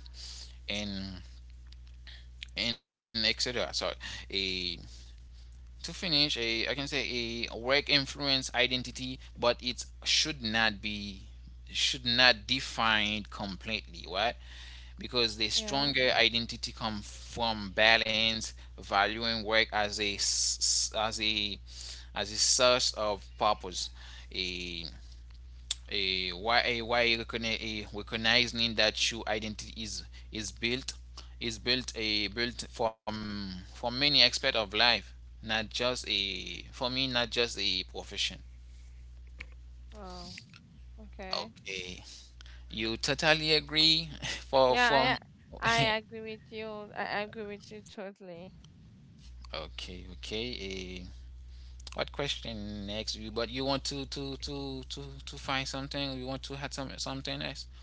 A: and and et cetera. So, a to finish, a I can say a work influence identity, but it should not be should not define completely, right? Because the
B: yeah.
A: stronger identity come from balance, valuing work as a as a as a source of purpose. A a why why recognizing that your identity is is built is built a built from from many aspect of life, not just a, for me, not just a profession.
B: Oh, okay.
A: Okay, you totally agree. For from
B: Yeah, I I agree with you. I agree with you totally.
A: okay, okay. A what question next? You but you want to to to to to find something? You want to have some something else?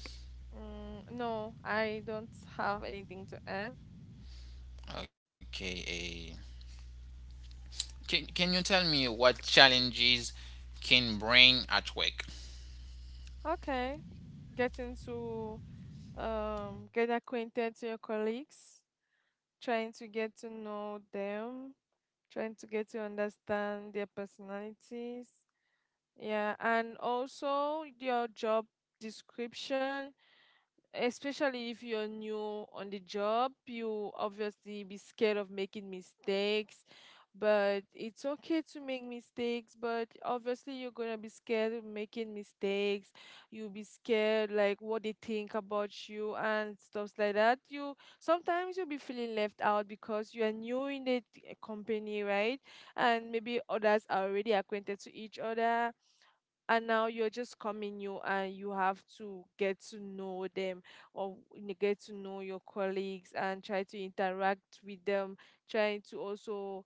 B: Mm, no, I don't have anything to add.
A: Okay. Can, can you tell me what challenges can bring at work?
B: Okay. Getting to um get acquainted to your colleagues, trying to get to know them, trying to get to understand their personalities. Yeah, and also your job description, especially if you're new on the job, you obviously be scared of making mistakes. But it's okay to make mistakes, but obviously you're gonna be scared of making mistakes. You'll be scared, like what they think about you and stuff like that. You, sometimes you'll be feeling left out because you are new in the t- company, right? And maybe others are already acquainted to each other, and now you're just coming new and you have to get to know them, or n- get to know your colleagues and try to interact with them, trying to also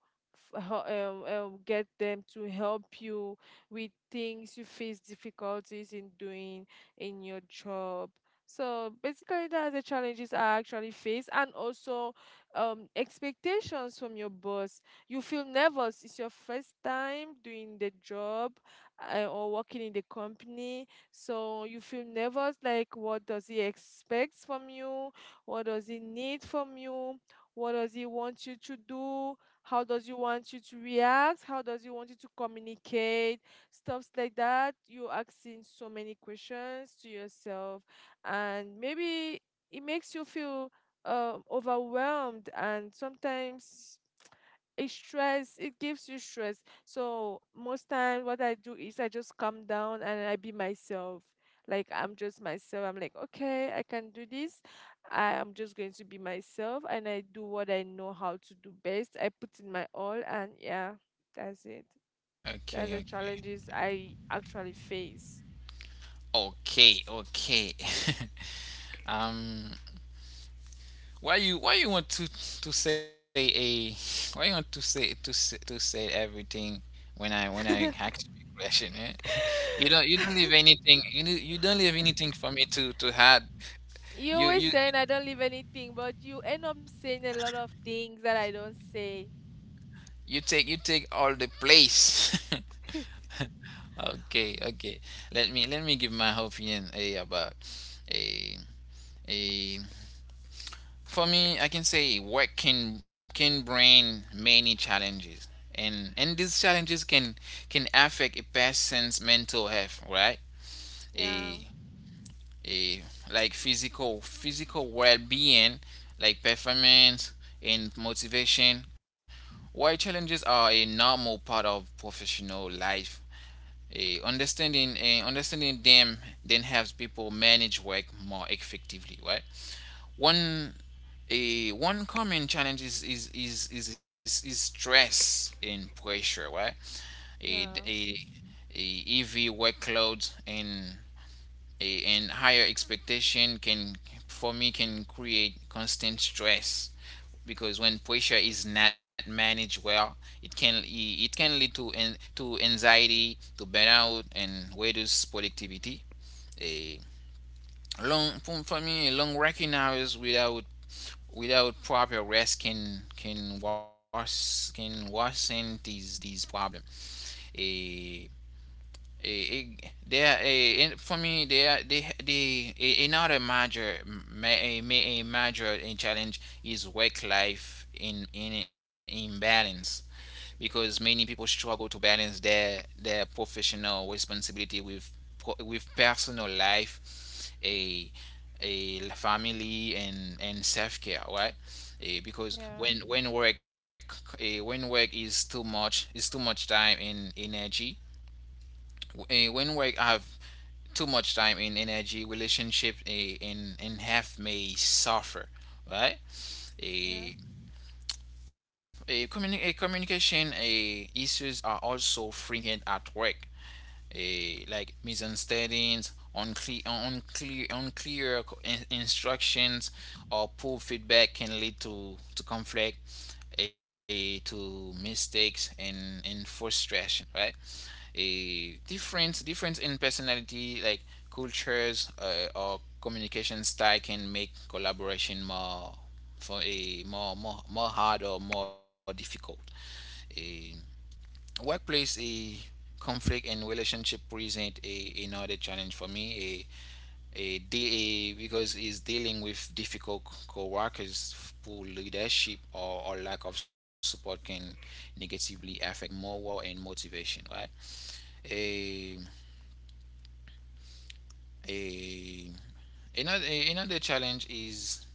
B: f- hel- um, um, get them to help you with things you face difficulties in doing in your job. So basically that's the challenges I actually face. And also um, expectations from your boss, you feel nervous, it's your first time doing the job, uh, or working in the company. So you feel nervous, like, what does he expect from you? What does he need from you? What does he want you to do? How does he want you to react? How does he want you to communicate? Stuffs like that. You're asking so many questions to yourself, and maybe it makes you feel um, overwhelmed, and sometimes it stress it gives you stress. So most time what I do is I just calm down and I be myself. Like I'm just myself, I'm like, okay, I can do this. I'm just going to be myself and I do what I know how to do best. I put in my all, and yeah, that's it. That's the
A: Okay,
B: challenges I actually face.
A: okay, okay, okay. um, why you why you want to to say a why you want to say to say, to say everything when I when I ask you a question, eh? You don't you don't leave anything, you do, you don't leave anything for me to to add.
B: You
A: You
B: always
A: you
B: saying I don't leave anything, but you end up saying a lot of things that I don't say.
A: you take you take all the place. Okay, okay. Let me let me give my opinion a about a a for me, I can say work can can bring many challenges and and these challenges can can affect a person's mental health, right?
B: Yeah,
A: A a like physical physical well-being, like performance and motivation. Why challenges are a normal part of professional life. Eh, understanding, eh, understanding them then helps people manage work more effectively, right? one a One common challenge is is is is, is, is stress and pressure, right? a,
B: yeah,
A: a, a heavy workload and a, and higher expectation can, for me, can create constant stress because when pressure is not managed well, it can it can lead to an to anxiety, to burnout, and reduce productivity. A long, for me, long working hours without without proper rest can can worsen can worsen these these problem. A a, there a, for me, there are they they a- another major ma- a, ma- a major challenge is work life in in imbalance because many people struggle to balance their their professional responsibility with with personal life, a a family and and self care, right? Eh, because
B: yeah,
A: when when work eh, when work is too much, is too much time and energy. Eh, when work have too much time and energy, relationship eh, in in half may suffer, right?
B: yeah,
A: Eh, a, communi- a communication a issues are also frequent at work. A, like misunderstandings, unclear, unclear, unclear instructions, or poor feedback can lead to, to conflict, a, to mistakes and, and frustration, right? A difference difference in personality, like cultures, uh, or communication style, can make collaboration more for a more more more hard or more difficult. A workplace a conflict and relationship present a another challenge for me, a a, de- a because it's dealing with difficult co-workers who leadership, or, or lack of support can negatively affect morale and motivation, right? a a another another challenge is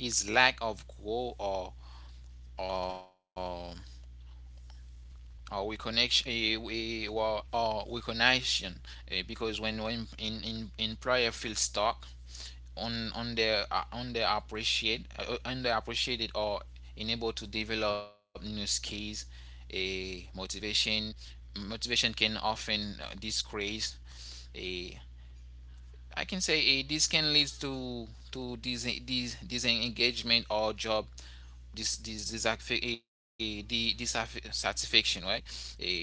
A: is lack of goal or or or reconnection, uh, we or, or reconnection uh, because when we in in in, prior field stock, on on the uh, on the appreciate uh, on their appreciated, or unable to develop new skills. A uh, motivation motivation can often uh, disgrace. A uh, I can say, eh, this can lead to to this this disengagement, or job, this this this dissatisfaction, dissatisfaction right? Uh,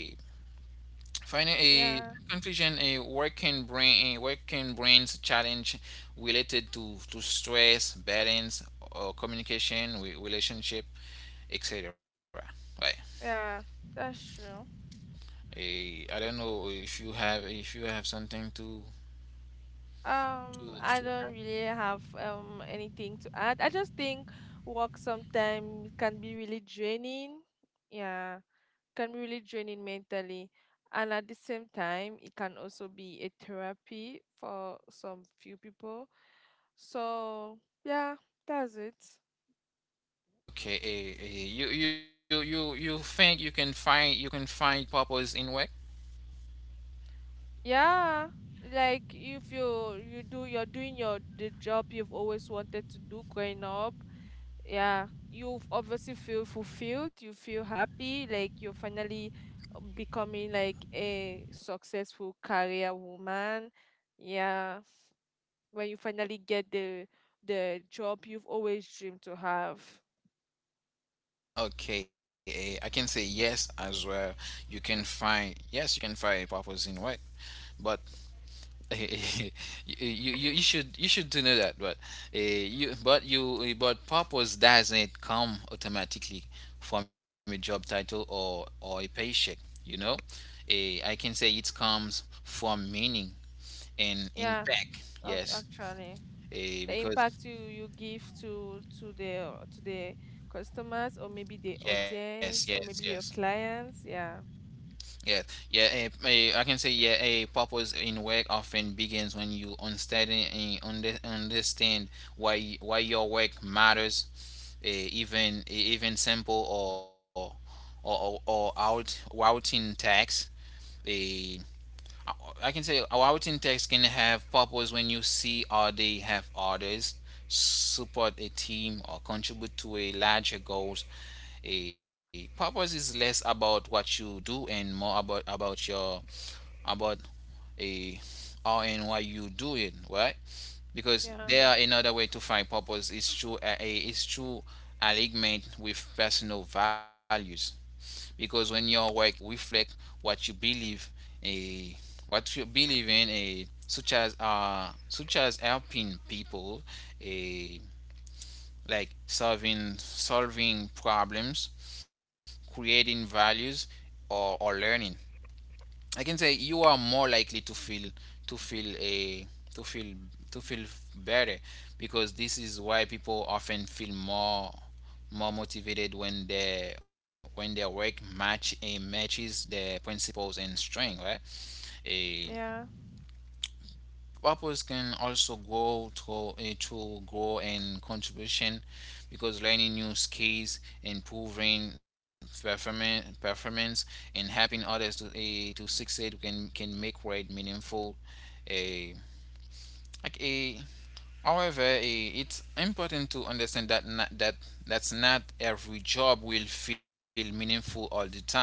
A: Finally,
B: yeah,
A: a conclusion: a working brain, a working brain's challenge related to to stress, balance, or communication, re- relationship, et cetera. Right.
B: yeah. That's true.
A: A, I don't know if you have, if you have something to,
B: Um, I
A: to,
B: don't
A: to
B: really
A: add.
B: have um anything to add. I just think work sometimes can be really draining. Yeah, can be really draining mentally, and at the same time, it can also be a therapy for some few people. So yeah, that's it.
A: Okay. A, a, you you you you think you can find, you can find purpose in work?
B: Yeah, like if you you do you're doing your the job you've always wanted to do growing up. Yeah, you obviously feel fulfilled. You feel happy, like you're finally uh, becoming like a successful career woman. Yeah, when you finally get the the job you've always dreamed to have.
A: Okay, eh, I can say yes as well. You can find, yes, you can find purpose in work, but you, you you should you should to know that, but uh, you but you eh, but purpose doesn't come automatically from a job title, or or a paycheck you know Eh, I can say it comes from meaning and
B: Yeah,
A: impact.
B: ac-
A: Yes.
B: actually.
A: Eh,
B: The
A: because
B: impact you you give to to the uh, to the customers, or maybe the
A: Yes, yes,
B: audience, or
A: yes,
B: maybe your clients, yeah.
A: yes, yeah. eh, eh, I can say, yeah, a purpose in work often begins when you understand, eh, under, understand why why your work matters. A Even, a even simple, or or, or, or out routing text. A I can say a routing text can have purpose when you see, or they have orders, support a team, or contribute to a larger goals. A purpose is less about what you do and more about about your about a how and why you do it, right? Because
B: yeah
A: there are another way to find purpose is through a, a is through alignment with personal values, because when your work reflect, what you believe a what you believe in, a such as, uh such as, helping people, a like solving, solving problems, creating values, or or learning. I can say you are more likely to feel, to feel a to feel to feel better, because this is why people often feel more more motivated when their when their work match, a matches their principles and strength, right? a
B: yeah
A: Purpose can also grow through, a through grow and contribution, because learning new skills, improving performance performance, and helping others to, eh, to succeed, can can make work meaningful. A like a However, a, it's important to understand that, not, that that's not every job will feel meaningful all the time. Why?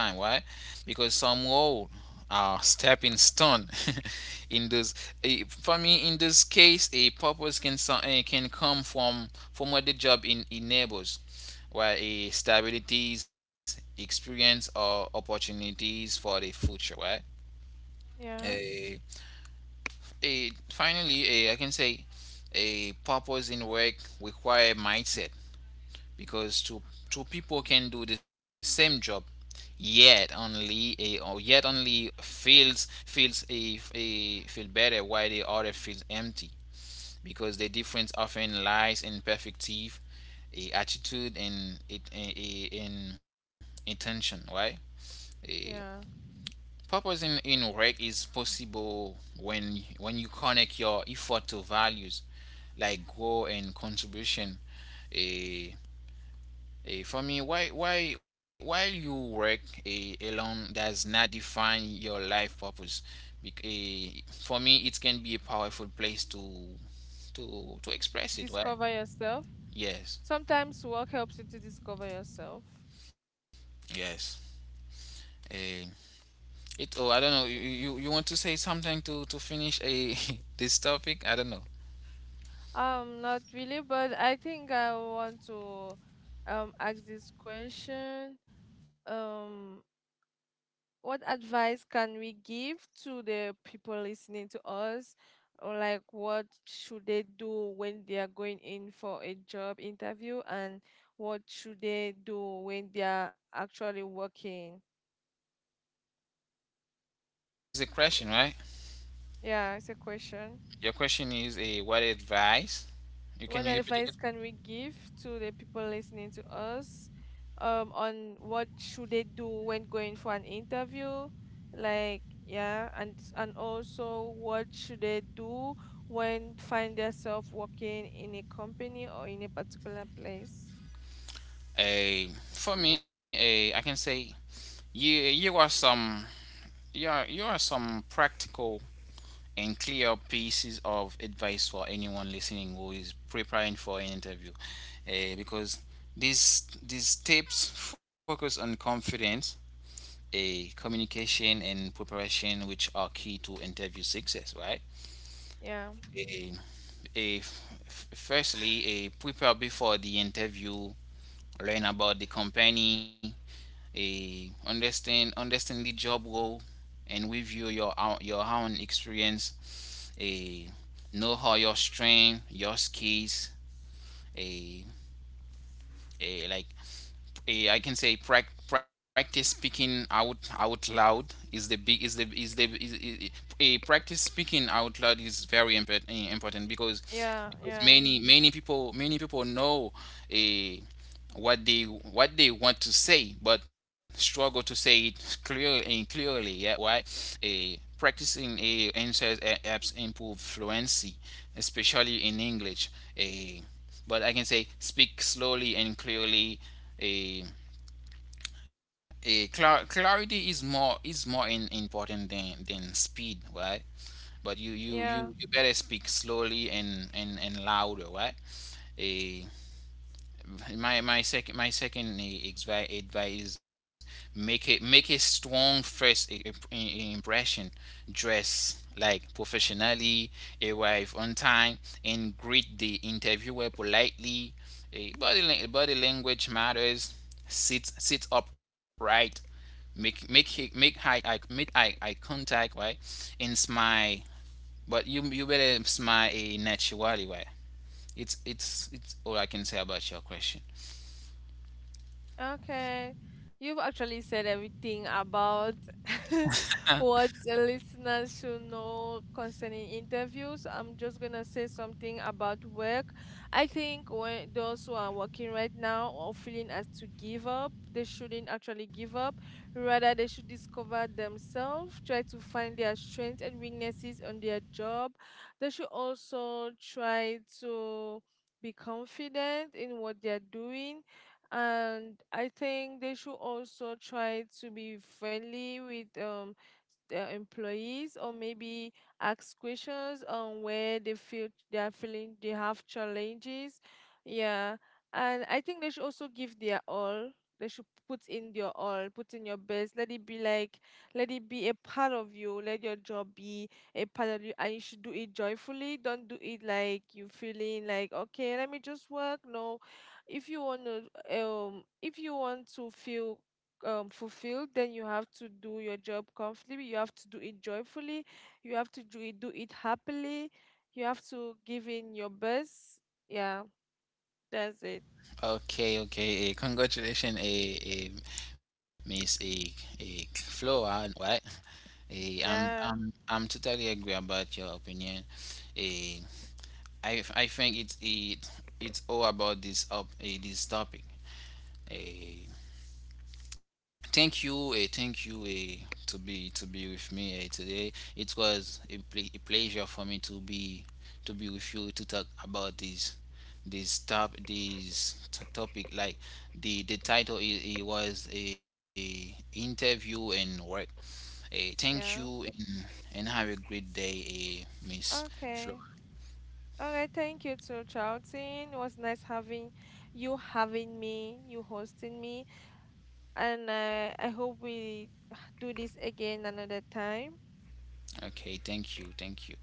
A: Because some role are stepping stone. in this eh, for me, in this case, a purpose can, so- eh, can come from from what the job in enables, where, a stabilities, experience, or opportunities for the future,
B: yeah
A: right? a Finally, a I can say, a purpose in work require mindset, because two two people can do the same job, yet only, a or yet only feels feels a, a feel better, while the other feels empty, because the difference often lies in perspective, a attitude, and, it in, in intention, right? A,
B: yeah
A: Purposing in work is possible when when you connect your effort to values, like growth and contribution. A For me, why why while you work, a alone does not define your life purpose. Bec- eh, for me, it can be a powerful place to to to express it. Right?
B: Discover yourself.
A: Yes,
B: Sometimes work helps you to discover yourself.
A: yes. Eh, it. Oh, I don't know. You you, you want to say something to to finish, a this topic? I don't know.
B: Um, not really, but I think I want to um ask this question. um what advice can we give to the people listening to us, or like what should they do when they are going in for a job interview, and what should they do when they are actually working?
A: It's a question, right?
B: Yeah, it's a question.
A: Your question is, a what advice? You can
B: What
A: you repeat again?
B: advice can we give to the people listening to us, um on what should they do when going for an interview, like, yeah, and and also what should they do when find themselves working in a company or in a particular place.
A: A For me, a I can say, you you are some you are you are some practical and clear pieces of advice for anyone listening who is preparing for an interview. Eh, because these these tips focus on confidence, a communication and preparation, which are key to interview success, right?
B: yeah
A: Eh, a f- Firstly, a prepare before the interview. Learn about the company, a understand understand the job role, and review your own, your own experience. A Know how your strength, your skills, a, a like eh, I can say, prac practice speaking out out loud is the big, is the is the is, is, a practice speaking out loud is very import, eh, important, because
B: yeah
A: because
B: yeah
A: many many people, many people know, a what they what they want to say, but struggle to say it clearly and clearly, yeah. Why? A Practicing a answers helps improve fluency, especially in English. A But I can say, speak slowly and clearly. a a clar- Clarity is more is more in, important than than speed, right? But you you you,
B: yeah
A: you better speak slowly and and and louder, right? A my my second, my second eh, advice: make it make a strong first, i- i- impression. Dress like professionally, arrive on time, and greet the interviewer politely. Eh, body lang- body language matters. Sit sit upright, make make he- make high eye make eye, eye contact, right? And smile, but you you better smile a naturally way. It's it's it's all I can say about your question.
B: Okay. You've actually said everything about what the listeners should know concerning interviews. I'm just gonna say something about work. I think when those who are working right now or feeling as to give up, they shouldn't actually give up. Rather, they should discover themselves, try to find their strengths and weaknesses on their job. They should also try to be confident in what they're doing. And I think they should also try to be friendly with um their employees, or maybe ask questions on where they feel they are feeling they have challenges. Yeah. And I think they should also give their all. They should put in your all, put in your best. Let it be like, let it be a part of you. Let your job be a part of you, and you should do it joyfully. Don't do it like you feeling like, okay, let me just work. No, if you want to um if you want to feel um fulfilled, then you have to do your job comfortably, you have to do it joyfully, you have to do it do it happily, you have to give in your best. Yeah, that's it.
A: Okay, okay. Eh, congratulations, eh, eh, Miss, eh, eh, Flora, right? Eh, I'm,
B: Yeah,
A: I'm, I'm totally agree about your opinion. Eh, I, I think it's it, it's all about this, up eh, this topic. Eh, thank you, eh, thank you eh, to be to be with me, eh, today. It was, a, ple- a pleasure for me to be to be with you, to talk about this, this top this t- topic, like, the the title is, it was a interview and work. A Thank you,
B: yeah,
A: and, and have a great day, a Miss Flora.
B: okay. Alright. Thank you to Charlton, it was nice having you, having me, you hosting me, and uh, I hope we do this again another time.
A: Okay, thank you, thank you.